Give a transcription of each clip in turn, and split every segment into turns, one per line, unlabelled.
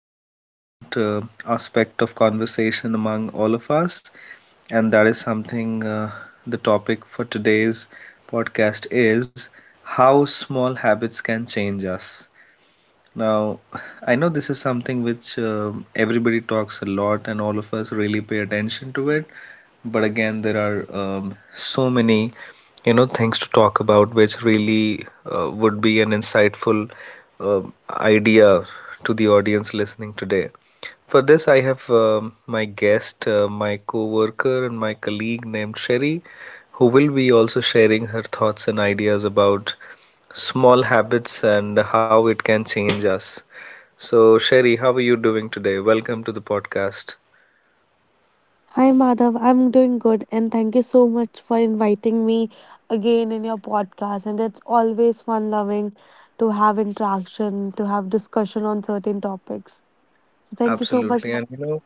quite an important aspect of conversation among all of us, and that is something the topic for today's podcast is how small habits can change us. Now, I know this is something which everybody talks a lot and all of us really pay attention to it. But again, there are so many, things to talk about which really would be an insightful um idea to the audience listening today. For this, I have my guest, my co-worker and my colleague named Sherry, who will be also sharing her thoughts and ideas about small habits and how it can change us. So, Sherry, how are you doing today? Welcome to the podcast.
Hi Madhav, I'm doing good and thank you so much for inviting me again in your podcast. And it's always fun loving to have interaction, to have discussion on certain topics. So thank you so much.
Absolutely.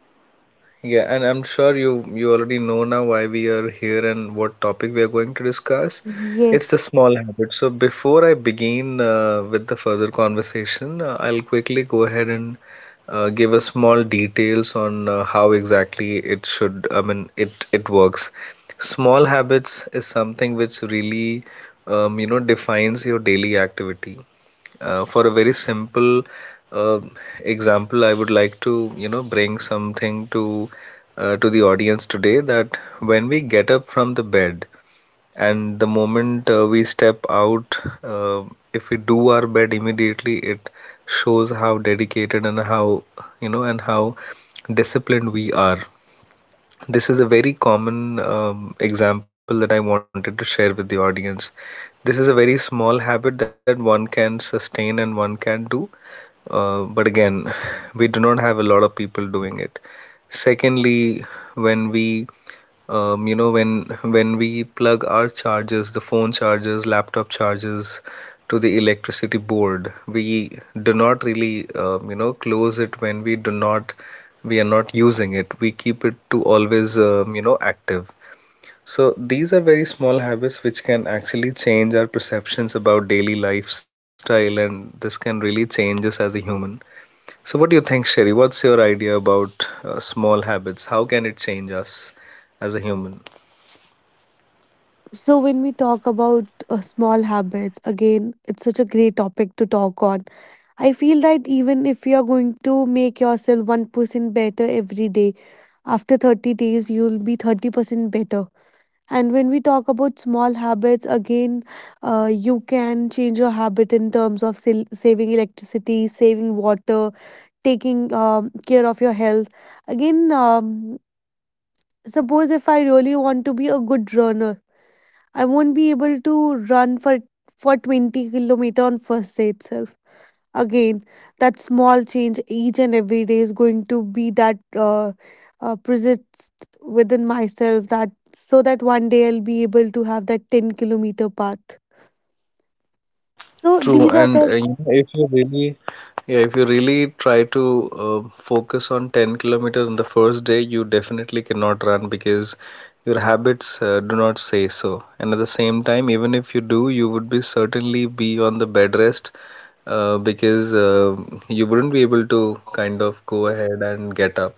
Yeah, and I'm sure you already know now why we are here and what topic we are going to discuss. It's the
Yes.
small habit. So before I begin with the further conversation, I'll quickly go ahead and give a small details on how exactly it should, I mean, it works. Small habits is something which really defines your daily activity. For a very simple uh, example, I would like to, you know, bring something to the audience today that when we get up from the bed and the moment we step out, uh, if we do our bed immediately, it shows how dedicated and how, you know, and how disciplined we are. This is a very common example that I wanted to share with the audience. This is a very small habit that one can sustain and one can do, but again, we do not have a lot of people doing it. Secondly, when we when we plug our chargers, the phone chargers, laptop chargers, to the electricity board, we do not really, close it when we do not, we are not using it. We keep it to always, active. So these are very small habits which can actually change our perceptions about daily lifestyle, and this can really change us as a human. So what do you think, Sherry? What's your idea about small habits? How can it change us as a human?
So when we talk about small habits, again, it's such a great topic to talk on. I feel that even if you are going to make yourself 1% better every day, after 30 days, you'll be 30% better. And when we talk about small habits, again, you can change your habit in terms of saving electricity, saving water, taking care of your health. Again, suppose if I really want to be a good runner, I won't be able to run for 20 kilometer on first day itself. Again, that small change each and every day is going to be that persist within myself that so that one day I'll be able to have that 10-kilometer path. So
True,
these are
and
the.
you know, if you really, yeah, if you really try to focus on 10 kilometers on the first day, you definitely cannot run because your habits do not say so. And at the same time, even if you do, you would be certainly be on the bed rest because you wouldn't be able to kind of go ahead and get up.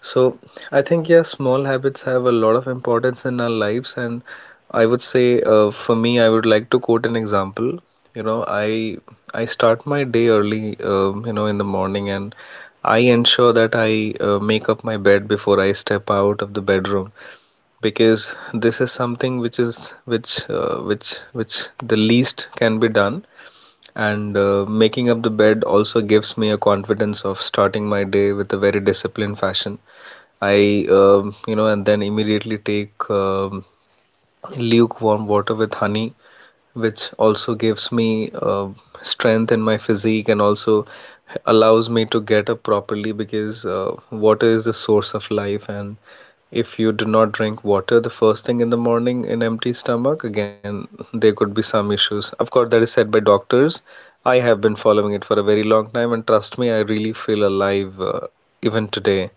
So I think, yeah, small habits have a lot of importance in our lives, and I would say, for me, I would like to quote an example. You know, I start my day early, in the morning, and I ensure that I make up my bed before I step out of the bedroom because this is something which is which the least can be done. And making up the bed also gives me a confidence of starting my day with a very disciplined fashion. And then immediately take lukewarm water with honey, which also gives me strength in my physique and also allows me to get up properly because water is the source of life. And if you do not drink water the first thing in the morning in empty stomach, again, there could be some issues. Of course, that is said by doctors. I have been following it for a very long time, and trust me, I really feel alive even today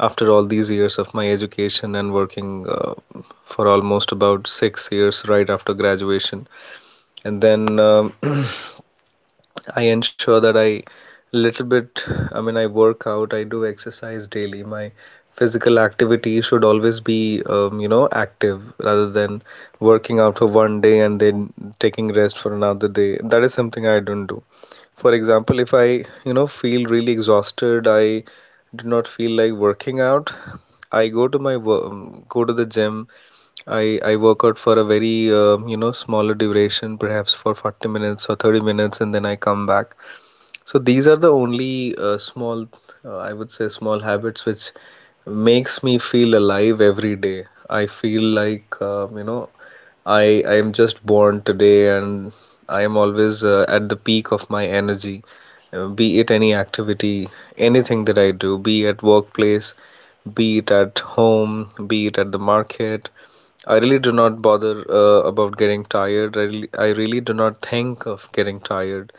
after all these years of my education and working for almost about 6 years right after graduation. And then I ensure that little bit, I mean, I work out, I do exercise daily. My physical activity should always be, active rather than working out for one day and then taking rest for another day. That is something I don't do. For example, if I, you know, feel really exhausted, I do not feel like working out, I go to go to the gym. I work out for a very smaller duration, perhaps for 40 minutes or 30 minutes, and then I come back. So these are the only I would say, small habits which makes me feel alive every day. I feel like, I am just born today, and I am always at the peak of my energy. Be it any activity, anything that I do, be at workplace, be it at home, be it at the market. I really do not bother about getting tired. I really do not think of getting tired.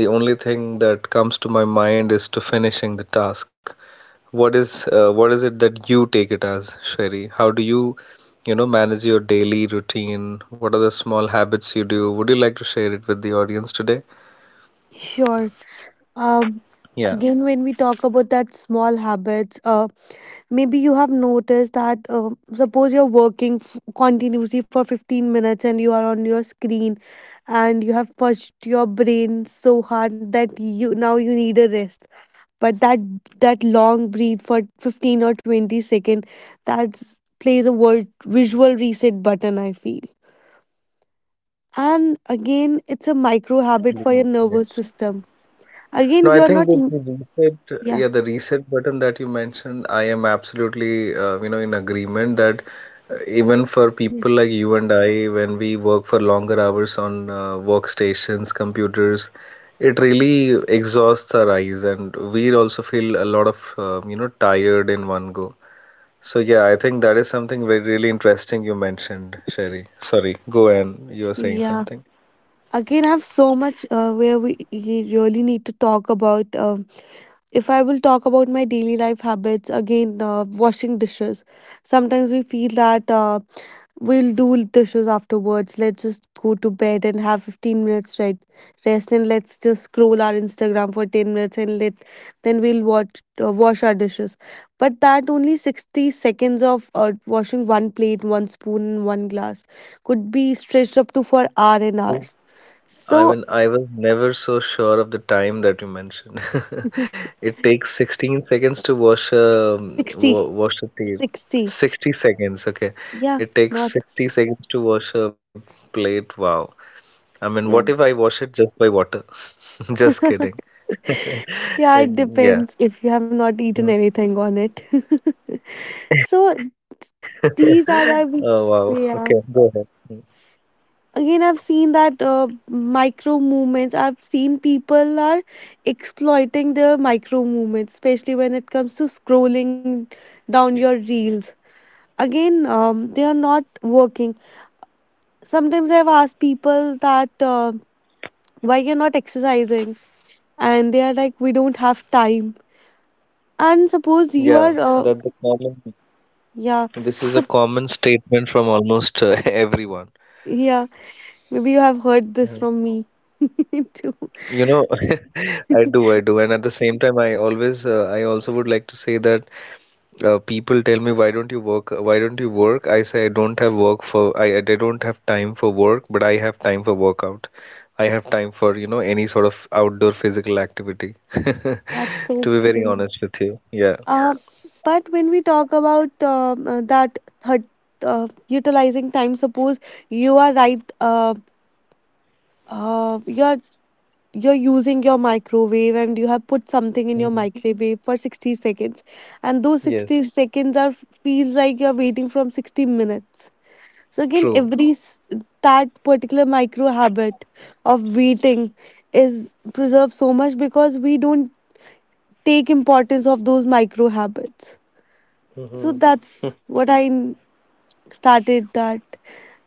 The only thing that comes to my mind is to finishing the task. What is it that you take it as, Sherry? How do you, you know, manage your daily routine? What are the small habits you do? Would you like to share it with the audience today?
Sure. Um,
Yeah,
Again, when we talk about that small habits, maybe you have noticed that suppose you're working continuously for 15 minutes and you are on your screen and you have pushed your brain so hard that you now you need a rest. But that long breathe for 15 or 20 second that plays a word visual reset button, I feel. And again, it's a micro habit for your
actually,
nervous
yes.
system. Again,
No, I
you're
think
not.
with the reset,
Yeah.
yeah, the reset button that you mentioned, I am absolutely, in agreement that even for people
Yes.
like you and I, when we work for longer hours on workstations, computers, it really exhausts our eyes, and we also feel a lot of, tired in one go. So yeah, I think that is something very really interesting you mentioned, Sherry. Sorry, go on. You were saying
Yeah,
something.
again, I have so much where we really need to talk about if I will talk about my daily life habits again washing dishes. Sometimes we feel that we'll do dishes afterwards. Let's just go to bed and have 15 minutes right rest, and let's just scroll our Instagram for 10 minutes and let then we'll watch wash our dishes. But that only 60 seconds of washing one plate, one spoon, and one glass could be stretched up to
I
for
was
hour and
never,
hours.
I
So.
mean, I was never so sure of the time that you mentioned. It takes 16 seconds to wash a wa
60
wash a plate.
60.
60 seconds, okay.
Yeah.
It takes
Not.
60 seconds to wash a plate. Wow. I mean, what if
Yeah.
I wash it just by water? Just kidding.
Yeah, it
Yeah.
depends if you have not
Mhm.
eaten anything on it. So.
Oh,
These
wow.
are the
Okay, go ahead. Mm.
yeah. Again, I've seen that micro movements. I've seen people are exploiting their micro movements, especially when it comes to scrolling down your reels. Again, they are not working. Sometimes I've asked people that why you're not exercising, and they are like, we don't have time.
Yeah,
And suppose
that's the
you are.
common. This is a
Yeah.
common
sup-
statement from almost everyone.
yeah, maybe you have
Mhm.
heard this from me too.
You know, I do, and at the same time, I always, I also would like to say that people tell me, why don't you work? Why don't you work? I say I don't have work I don't have time for work, but I have time for workout. I have time for, you know, any sort of outdoor physical activity.
That's
To
so
be very
great.
honest with you, yeah.
Uh, but when we talk about that third, utilizing time, suppose you are right, uh, you're you're using your microwave and you have put something in your
Hmm.
microwave for 60 seconds, and those
Yes,
60 seconds are feels like you're waiting from 60 minutes. So again,
true.
that particular micro habit of waiting is preserved so much because we don't take importance of those micro habits. So
Mhm.
that's what I started that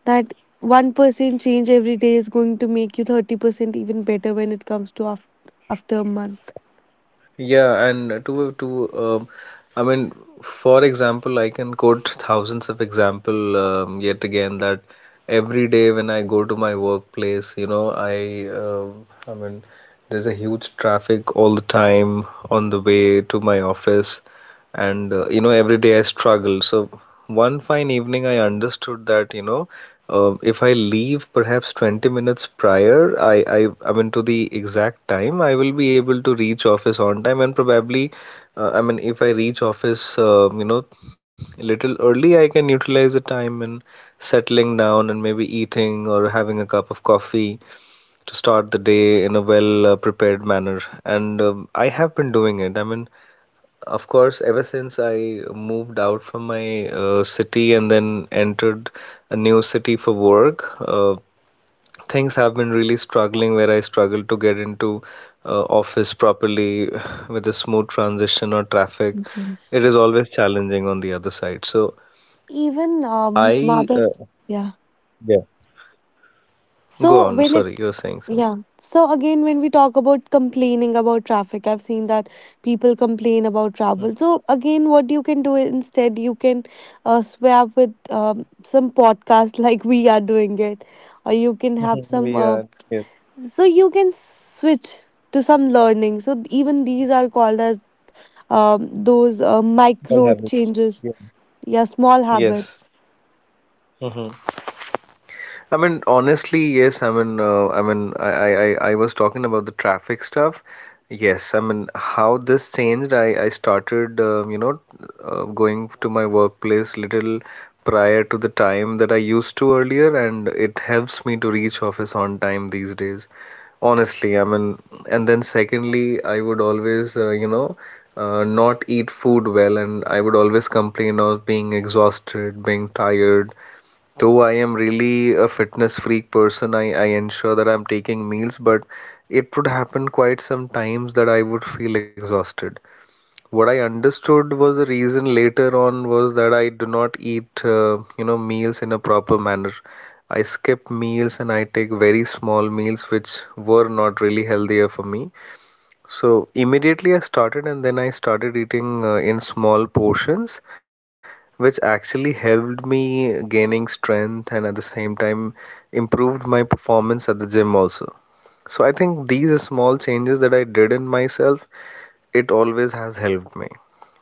that 1% change every day is going to make you 30% even better when it comes to after a month.
Yeah, and to I mean, for example, I can quote thousands of example yet again that every day when I go to my workplace, you know, I mean, there's a huge traffic all the time on the way to my office, and you know, every day I struggle. So one fine evening, I understood that, you know. If I leave perhaps 20 minutes prior, I mean, to the exact time, I will be able to reach office on time. And probably, I mean, if I reach office, a little early, I can utilize the time in settling down and maybe eating or having a cup of coffee to start the day in a well, prepared manner. And I have been doing it. I mean, of course, ever since I moved out from my city and then entered a new city for work, things have been really struggling where I struggle to get into office properly with a smooth transition or traffic. It is
Yes,
always challenging on the other side. So
even
I, uh,
Madhav. Yeah.
yeah, go on.
So
Sorry, you were
when it
saying something.
Yeah. So again, when we talk about complaining about traffic, I've seen that people complain about travel. So again, what you can do instead, you can swap with some podcast like we are doing it, or you can have
We
some.
are, yes,
So you can switch to some learning. So even these are called as those
all have
micro changes.
experience.
Yeah, small
Yes.
habits.
Hmm. I mean, honestly, yes. I was talking about the traffic stuff. Yes, I mean, how this changed. I started, going to my workplace little prior to the time that I used to earlier, and it helps me to reach office on time these days. Honestly, I mean, and then secondly, I would always, not eat food well, and I would always complain of being exhausted, being tired. Though I am really a fitness freak person, I ensure that I'm taking meals, but it would happen quite some times that I would feel exhausted. What I understood was the reason later on was that I do not eat, meals in a proper manner. I skip meals and I take very small meals, which were not really healthier for me. So immediately I started, and then I started eating in small portions, which actually helped me gaining strength and at the same time improved my performance at the gym also. So I think these small changes that I did in myself, it always has helped me.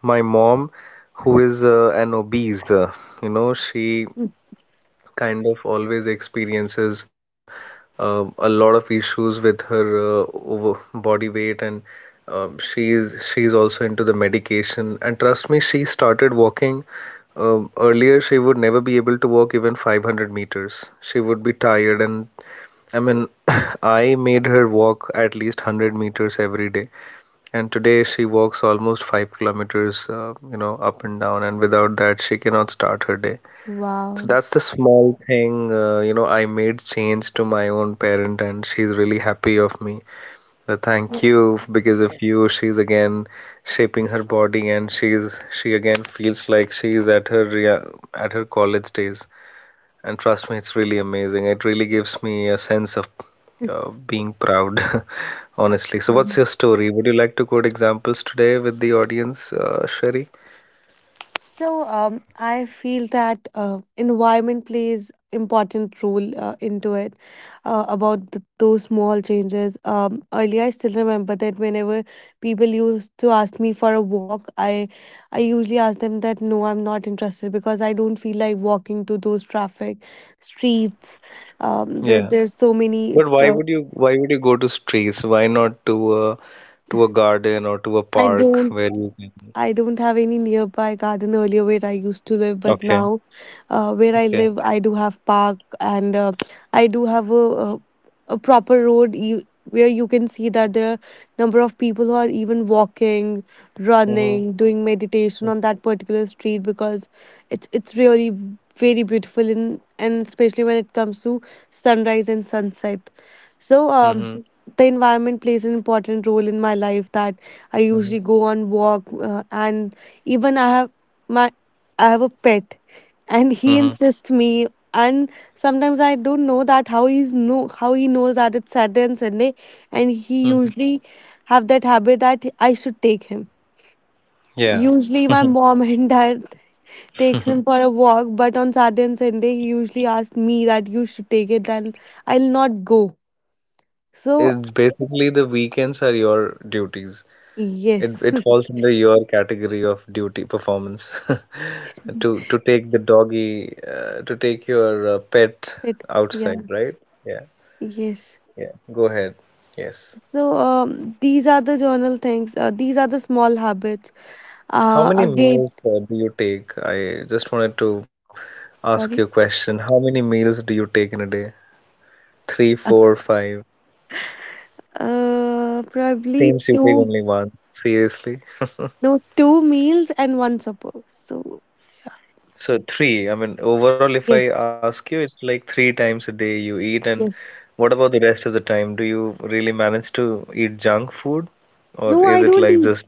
My mom, who is an obese, she kind of always experiences a lot of issues with her over body weight and she she's also into the medication, and trust me, she started walking. Earlier she would never be able to walk even 500 meters, she would be tired. And I mean I made her walk at least 100 meters every day, and today she walks almost 5 kilometers, up and down, and without that she cannot start her day. So
Wow.
that's the small thing, I made change to my own parent, and she's really happy of me. The
Yeah.
thank you, because of you, she's again shaping her body, and she again feels like she's at her at her college days. And trust me, it's really amazing. It really gives me a sense of being proud, honestly. So what's your story? Would you like to quote examples today with the audience, Sherry?
So I feel that environment plays important role into it about th those small changes. Earlier, I still remember that whenever people used to ask me for a walk, I usually ask them that no, I'm not interested because I don't feel like walking to those traffic streets where
Yeah.
there's so many.
But
Tra-
why would you go to streets? Why not to a to a garden or to a
I
park
don't
where you can.
I don't have any nearby garden earlier where I used to live, but
Okay.
now where I
Okay.
live, I do have park and I do have a proper road where you can see that there are number of people who are even walking,
Mm-hmm.
running, doing meditation on that particular street because it's really very beautiful in, and especially when it comes to sunrise and sunset. So
Mm-hmm.
the environment plays an important role in my life that I usually
Mm-hmm.
go on walk, and even my I have a pet, and he
Mm-hmm.
insists me. And sometimes I don't know that how he's know how he knows that it's Saturday and Sunday, and he
Hmm.
usually have that habit that I should take him.
Yeah.
Usually, my mom and dad takes him for a walk, but on Saturday and Sunday, he usually asks me that you should take it, and I'll not go.
So
So
it's basically the weekends are your duties. It
yes.
falls under your category of duty performance. To to take the doggy, to take your pet
it Yeah.
outside, right? Yeah.
Yes.
Yeah. Go ahead. Yes.
So these are the journal things. These are the small habits.
How many
Again,
meals do you take? I just wanted to ask you a
sorry.
question. How many meals do you take in a day? Three,
Uh,
four, five?
Probably
Seems you take
two.
only one. Seriously?
No, two meals and one supper. So
So three. I mean, overall, if I
yes.
ask you, it's like three times a day you eat. And
Yes.
what about the rest of the time? Do you really manage to eat junk food, or
No, I
is it
don't
like
eat.
just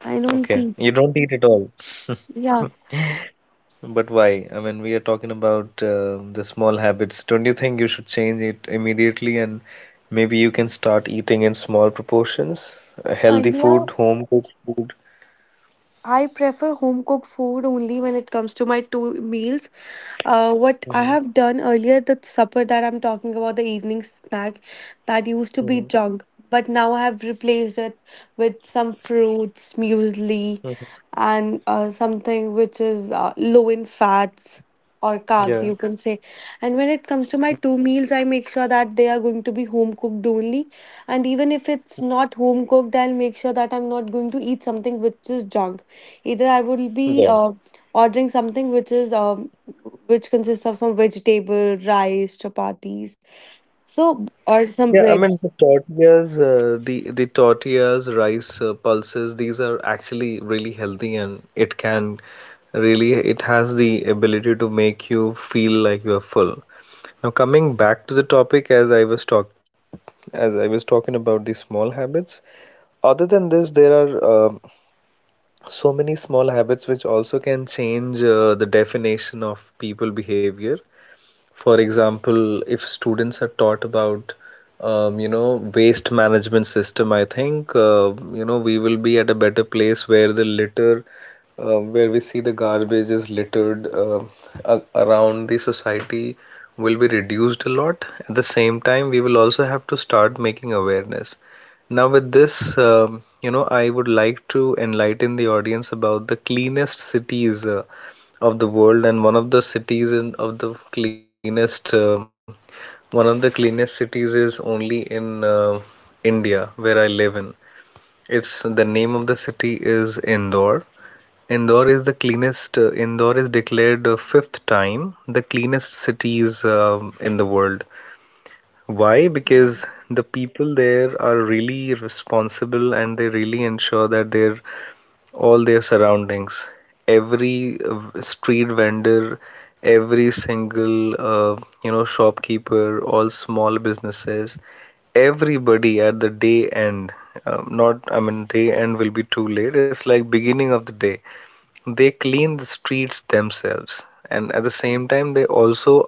I don't
okay?
eat.
You don't eat at all.
Yeah.
But why? I mean, we are talking about the small habits. Don't you think you should change it immediately, and maybe you can start eating in small proportions? Healthy food,
Earlier,
home cooked food.
I prefer home cooked food only when it comes to my two meals. What I
Hmm.
have done earlier, the supper that I'm talking about, the evening snack that used to be
Hmm.
junk, but now I have replaced it with some fruits, muesli,
Hmm.
and something which is low in fats or carbs
Yeah.
you can say. And when it comes to my
Got
two meals, I make sure that they are going to be home cooked only. And even if it's not home cooked, I'll make sure that I'm not going to eat something which is junk. Either I will be
it.
ordering something which is which consists of some vegetable rice chapatis, so or some
Yeah, I mean
breads.
the tortillas, the tortillas, rice, pulses, these are actually really healthy, and it can really, it has the ability to make you feel like you are full. Now coming back to the topic, as I was talking about the small habits. Other than this, there are so many small habits which also can change the definition of people behavior. For example, if students are taught about, waste management system, I think we will be at a better place where the litter, where we see the garbage is littered around the society, will be reduced a lot. At the same time, we will also have to start making awareness. Now, with this, I would like to enlighten the audience about the cleanest cities of the world. And one of the cities in of the cleanest one of the cleanest cities is only in India, where I live in. It's the name of the city is Indore. Indore is the cleanest. Indore is declared fifth time the cleanest cities in the world. Why? Because the people there are really responsible, and they really ensure that their all their surroundings, every street vendor, every single shopkeeper, all small businesses, everybody at the day end, not I mean day end will be too late, it's like beginning of the day, they clean the streets themselves. And at the same time they also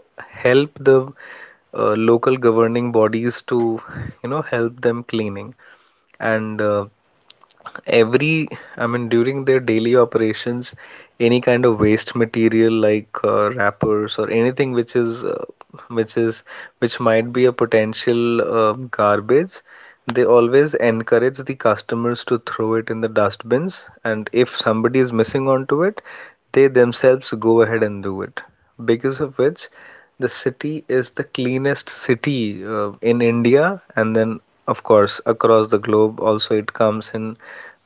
help the local governing bodies to, you know, help them cleaning. And every, I mean, during their daily operations, any kind of waste material like wrappers or anything which is which is which might be a potential garbage, they always encourage the customers to throw it in the dustbins, and if somebody is missing onto it, they themselves go ahead and do it. Because of which, the city is the cleanest city in India, and then, of course, across the globe, also it comes in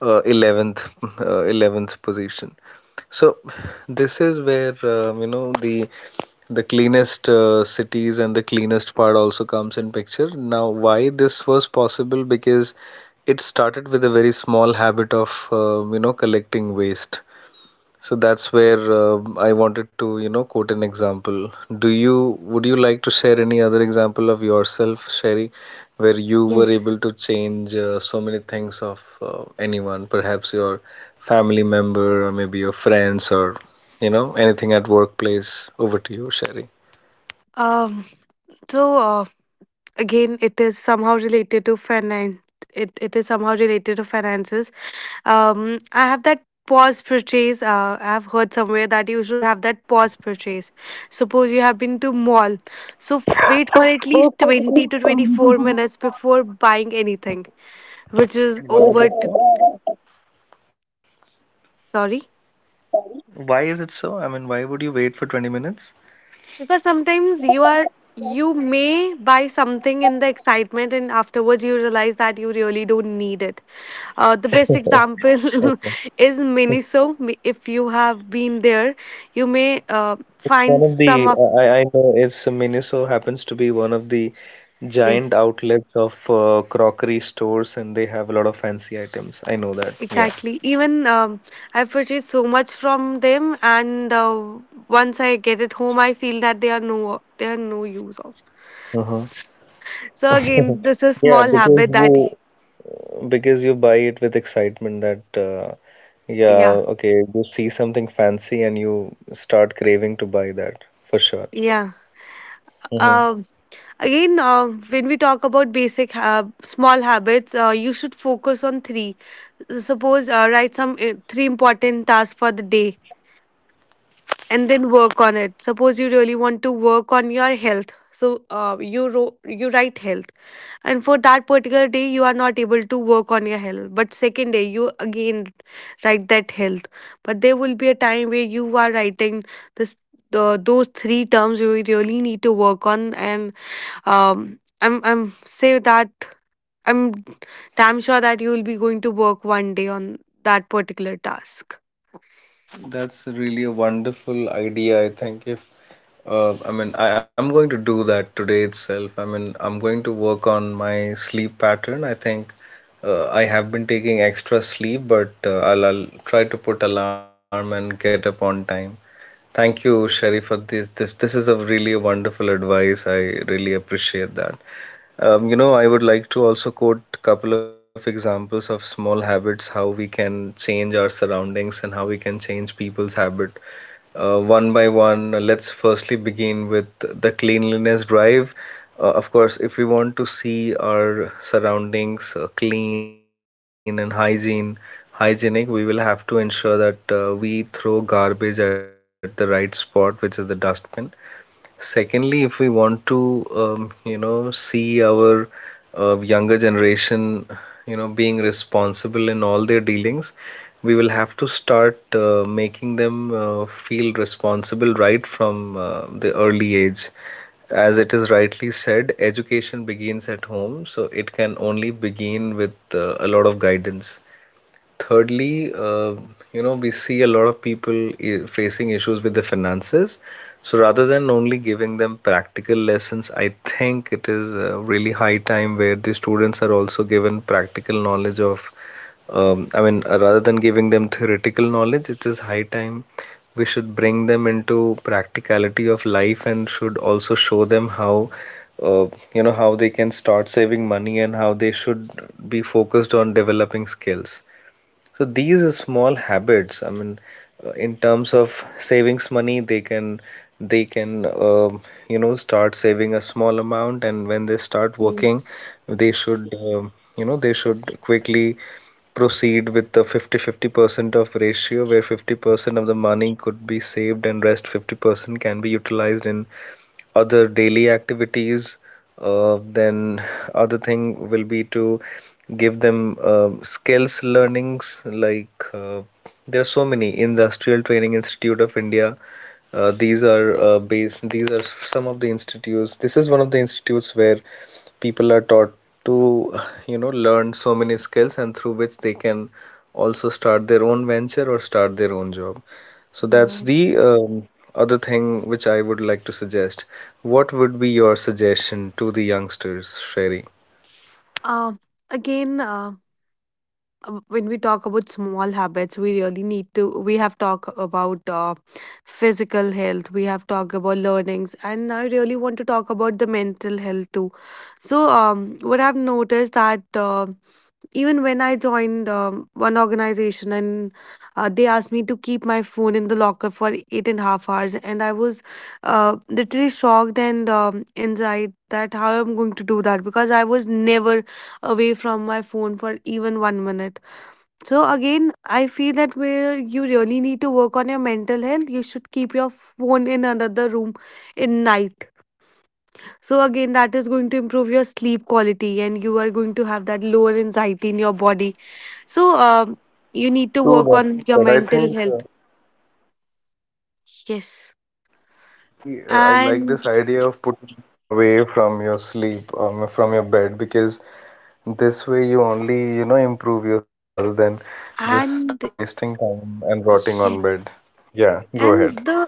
11th position. So, this is where, the cleanest cities and the cleanest part also comes in picture. Now, why this was possible? Because it started with a very small habit of, collecting waste. So that's where I wanted to, you know, quote an example. Do you would you like to share any other example of yourself, Sherry, where you were
Yes.
able to change so many things of anyone, perhaps your family member or maybe your friends or, you know, anything at workplace? Over to you, Sherry.
Um, so again, it is somehow related to finance. It is somehow related to finances. I have that pause purchase. I have heard somewhere that you should have that pause purchase. Suppose you have been to mall, so wait for at least 20 to 24 minutes before buying anything, which is
Why is
over.
it so?
Sorry,
Why is it so? I mean, why would you wait for 20 minutes?
because sometimes you may buy something in the excitement, and afterwards you realize that you really don't need it. The best example is Miniso. If you have been there, you may
It's one
find
of
some
the
of.
I know it's Miniso happens to be one of the giant
Yes,
outlets of crockery stores, and they have a lot of fancy items. I know that. Yeah.
exactly. Even I've purchased so much from them, and once I get it home, I feel that they are no use of.
Uh-huh.
So again, this is
Yeah,
small
because
habit that.
you buy it with excitement that, yeah,
Yeah,
okay, you see something fancy and you start craving to buy that for sure.
yeah.
Hmm.
Um, Again, when we talk about basic small habits, you should focus on three suppose write some three important tasks for the day and then work on it. Suppose you really want to work on your health, so you write health. And for that particular day you are not able to work on your health, but second day you again write that health. But there will be a time where you are writing this those three terms you really need to work on. And I'm say that I'm damn sure that you will be going to work one day on that particular task.
That's really a wonderful idea, I think. If I mean, I am going to do that today itself. I mean, I'm going to work on my sleep pattern. I think I have been taking extra sleep, but I'll try to put alarm and get up on time. Thank you, Sherry, for this. This is a really wonderful advice. I really appreciate that. You know, I would like to also quote a couple of examples of small habits, how we can change our surroundings and how we can change people's habit. One by one, let's firstly begin with the cleanliness drive. Of course, if we want to see our surroundings clean and hygienic, we will have to ensure that we throw garbage at the right spot, which is the dustbin. Secondly, if we want to, see our younger generation, you know, being responsible in all their dealings, we will have to start making them feel responsible right from the early age. As it is rightly said, education begins at home, so it can only begin with a lot of guidance. Thirdly, we see a lot of people facing issues with their finances. So rather than only giving them practical lessons, I think it is really high time where the students are also given practical knowledge of, rather than giving them theoretical knowledge, it is high time we should bring them into practicality of life, and should also show them how, uh, how they can start saving money and how they should be focused on developing skills. So these small habits, I mean, in terms of savings money, they can they can uh, start saving a small amount. And when they start working,
Yes.
they should, they should quickly proceed with the 50-50 percent of ratio, where 50% of the money could be saved and rest 50% can be utilized in other daily activities. Then other thing will be to give them skills learnings like, there are so many Industrial Training Institute of India. These are some of the institutes. This is one of the institutes where people are taught to, you know, learn so many skills, and through which they can also start their own venture or start their own job. So that's
Nice.
the other thing which I would like to suggest. What would be your suggestion to the youngsters, Sherry?
Um, Again, when we talk about small habits, we really need to. We have talked about physical health. We have talked about learnings, and I really want to talk about the mental health too. So, what I've noticed that. Even when I joined one organization and they asked me to keep my phone in the locker for 8.5 hours, and I was literally shocked and inside that how I'm going to do that because I was never away from my phone for even 1 minute. So again, I feel that where you really need to work on your mental health, you should keep your phone in another room in night. So again, that is going to improve your sleep quality, and you are going to have that lower anxiety in your body. So you need to
True
work
that.
on your
That I
mental
think,
health.
yeah, I
Yes,
think I am really, I like
and
this idea of putting phone away from your sleep, from your bed, because this way, you only, you know, improve your sleep rather than just
and
wasting time and rotting
yeah.
on bed. Yeah, go ahead.
And the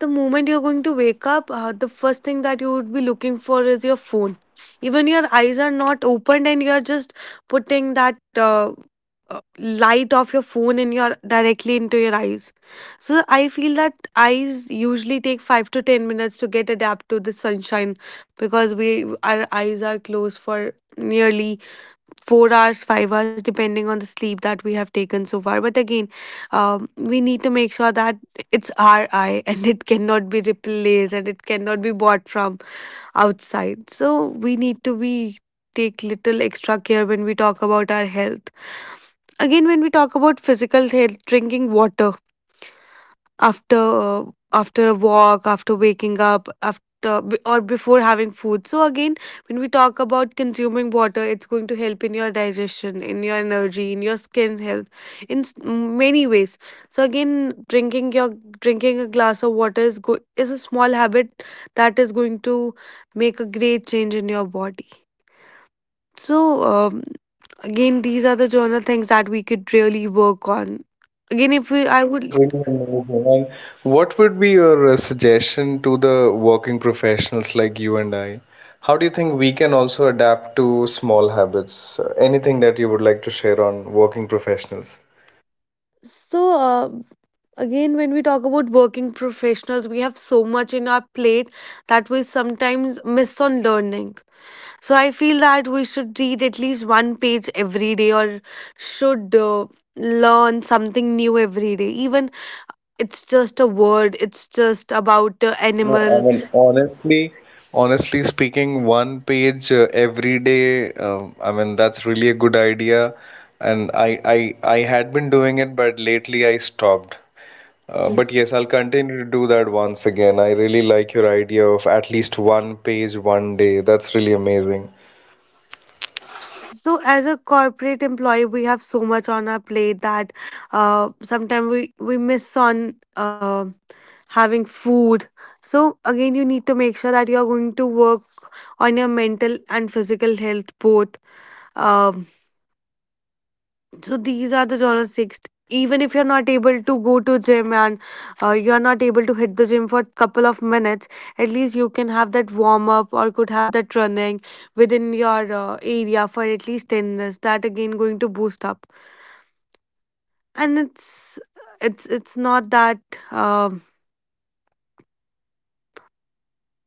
the moment you're going to wake up, the first thing that you would be looking for is your phone. Even your eyes are not opened, and you're just putting that light of your phone in your directly into your eyes. So I feel that eyes usually take 5 to 10 minutes to get adapt to the sunshine because we our eyes are closed for nearly 4 hours, 5 hours, depending on the sleep that we have taken so far. But again, we need to make sure that it's our eye and it cannot be replaced and it cannot be bought from outside. So we need to be take little extra care when we talk about our health. Again, when we talk about physical health, drinking water after after a walk, after waking up, after or before having food. So again, when we talk about consuming water, it's going to help in your digestion, in your energy, in your skin health, in many ways. So again, drinking a glass of water is a small habit that is going to make a great change in your body. So again, these are the journal things that we could really work on. Again, if we I
That's
would
really amazing. And what would be your suggestion to the working professionals like you and I? How do you think we can also adapt to small habits? Anything that you would like to share on working professionals?
so again, when we talk about working professionals, we have so much in our plate that we sometimes miss on learning. So I feel that we should read at least one page every day or should learn something new every day. Even it's just a word, it's just about
No, I
animal.
mean, honestly, honestly speaking, one page every day, I mean, that's really a good idea. And I had been doing it, but lately I stopped. But
Yes.
yes, I'll continue to do that once again. I really like your idea of at least one page one day. That's really amazing.
So, as a corporate employee, we have so much on our plate that sometimes we miss on um having food. So again, you need to make sure that you are going to work on your mental and physical health both. Um, so these are the genre six. Even if you're not able to go to gym and you're not able to hit the gym for couple of minutes, at least you can have that warm up or could have that running within your area for at least 10 minutes. That again going to boost up, and it's not that um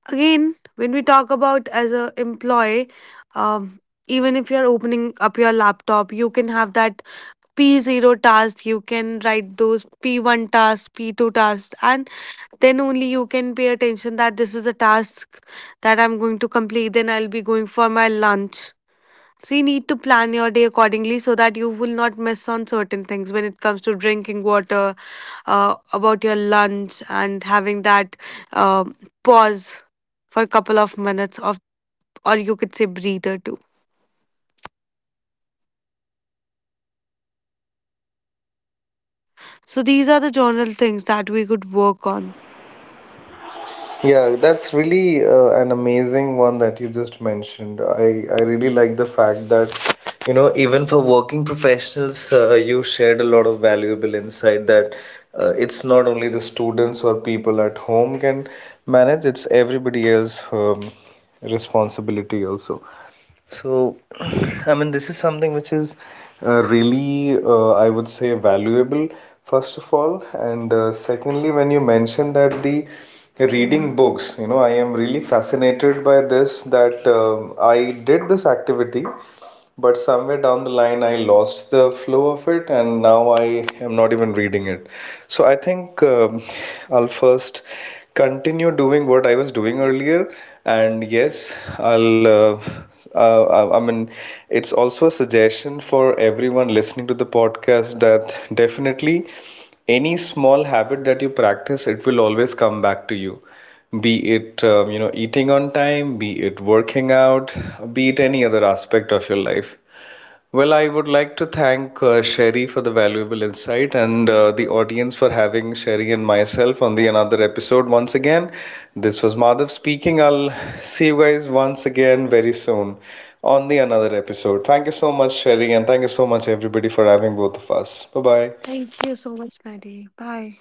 again, when we talk about as a employee, um, even if you're opening up your laptop, you can have that P0 task, you can write those P1 tasks, P2 tasks, and then only you can pay attention that this is a task that I'm going to complete, then I'll be going for my lunch. So you need to plan your day accordingly so that you will not miss on certain things when it comes to drinking water, about your lunch, and having that um pause for a couple of minutes of, or you could say breather too.
Yeah, that's really
So these are the
quite an
general things that
amazing.
we could work on.
Yeah, that's really an amazing one that you just mentioned. I really like the fact that, you know, even for working professionals, you shared a lot of valuable insight, that it's not only the students or people at home can manage, it's everybody else's responsibility also. So, I mean, this is something which is, I would say, valuable, first of all. And secondly, when you mentioned that the reading books, you know, I am really fascinated by this, that I did this activity, but somewhere down the line I lost the flow of it, and now I am not even reading it. So I think, I'll first continue doing what I was doing earlier. And yes, I'll, I mean, it's also a suggestion for everyone listening to the podcast, that definitely any small habit that you practice, it will always come back to you, be it, eating on time, be it working out, be it any other aspect of your life. Well, I would like to thank Sherry for the valuable insight, and the audience for having Sherry and myself on the another episode once again. This was Madhav speaking. I'll see you guys once again very soon on the another episode. Thank you so much, Sherry, and thank you so much everybody for having both of us. Bye bye.
Thank you so much, Maddie. Bye.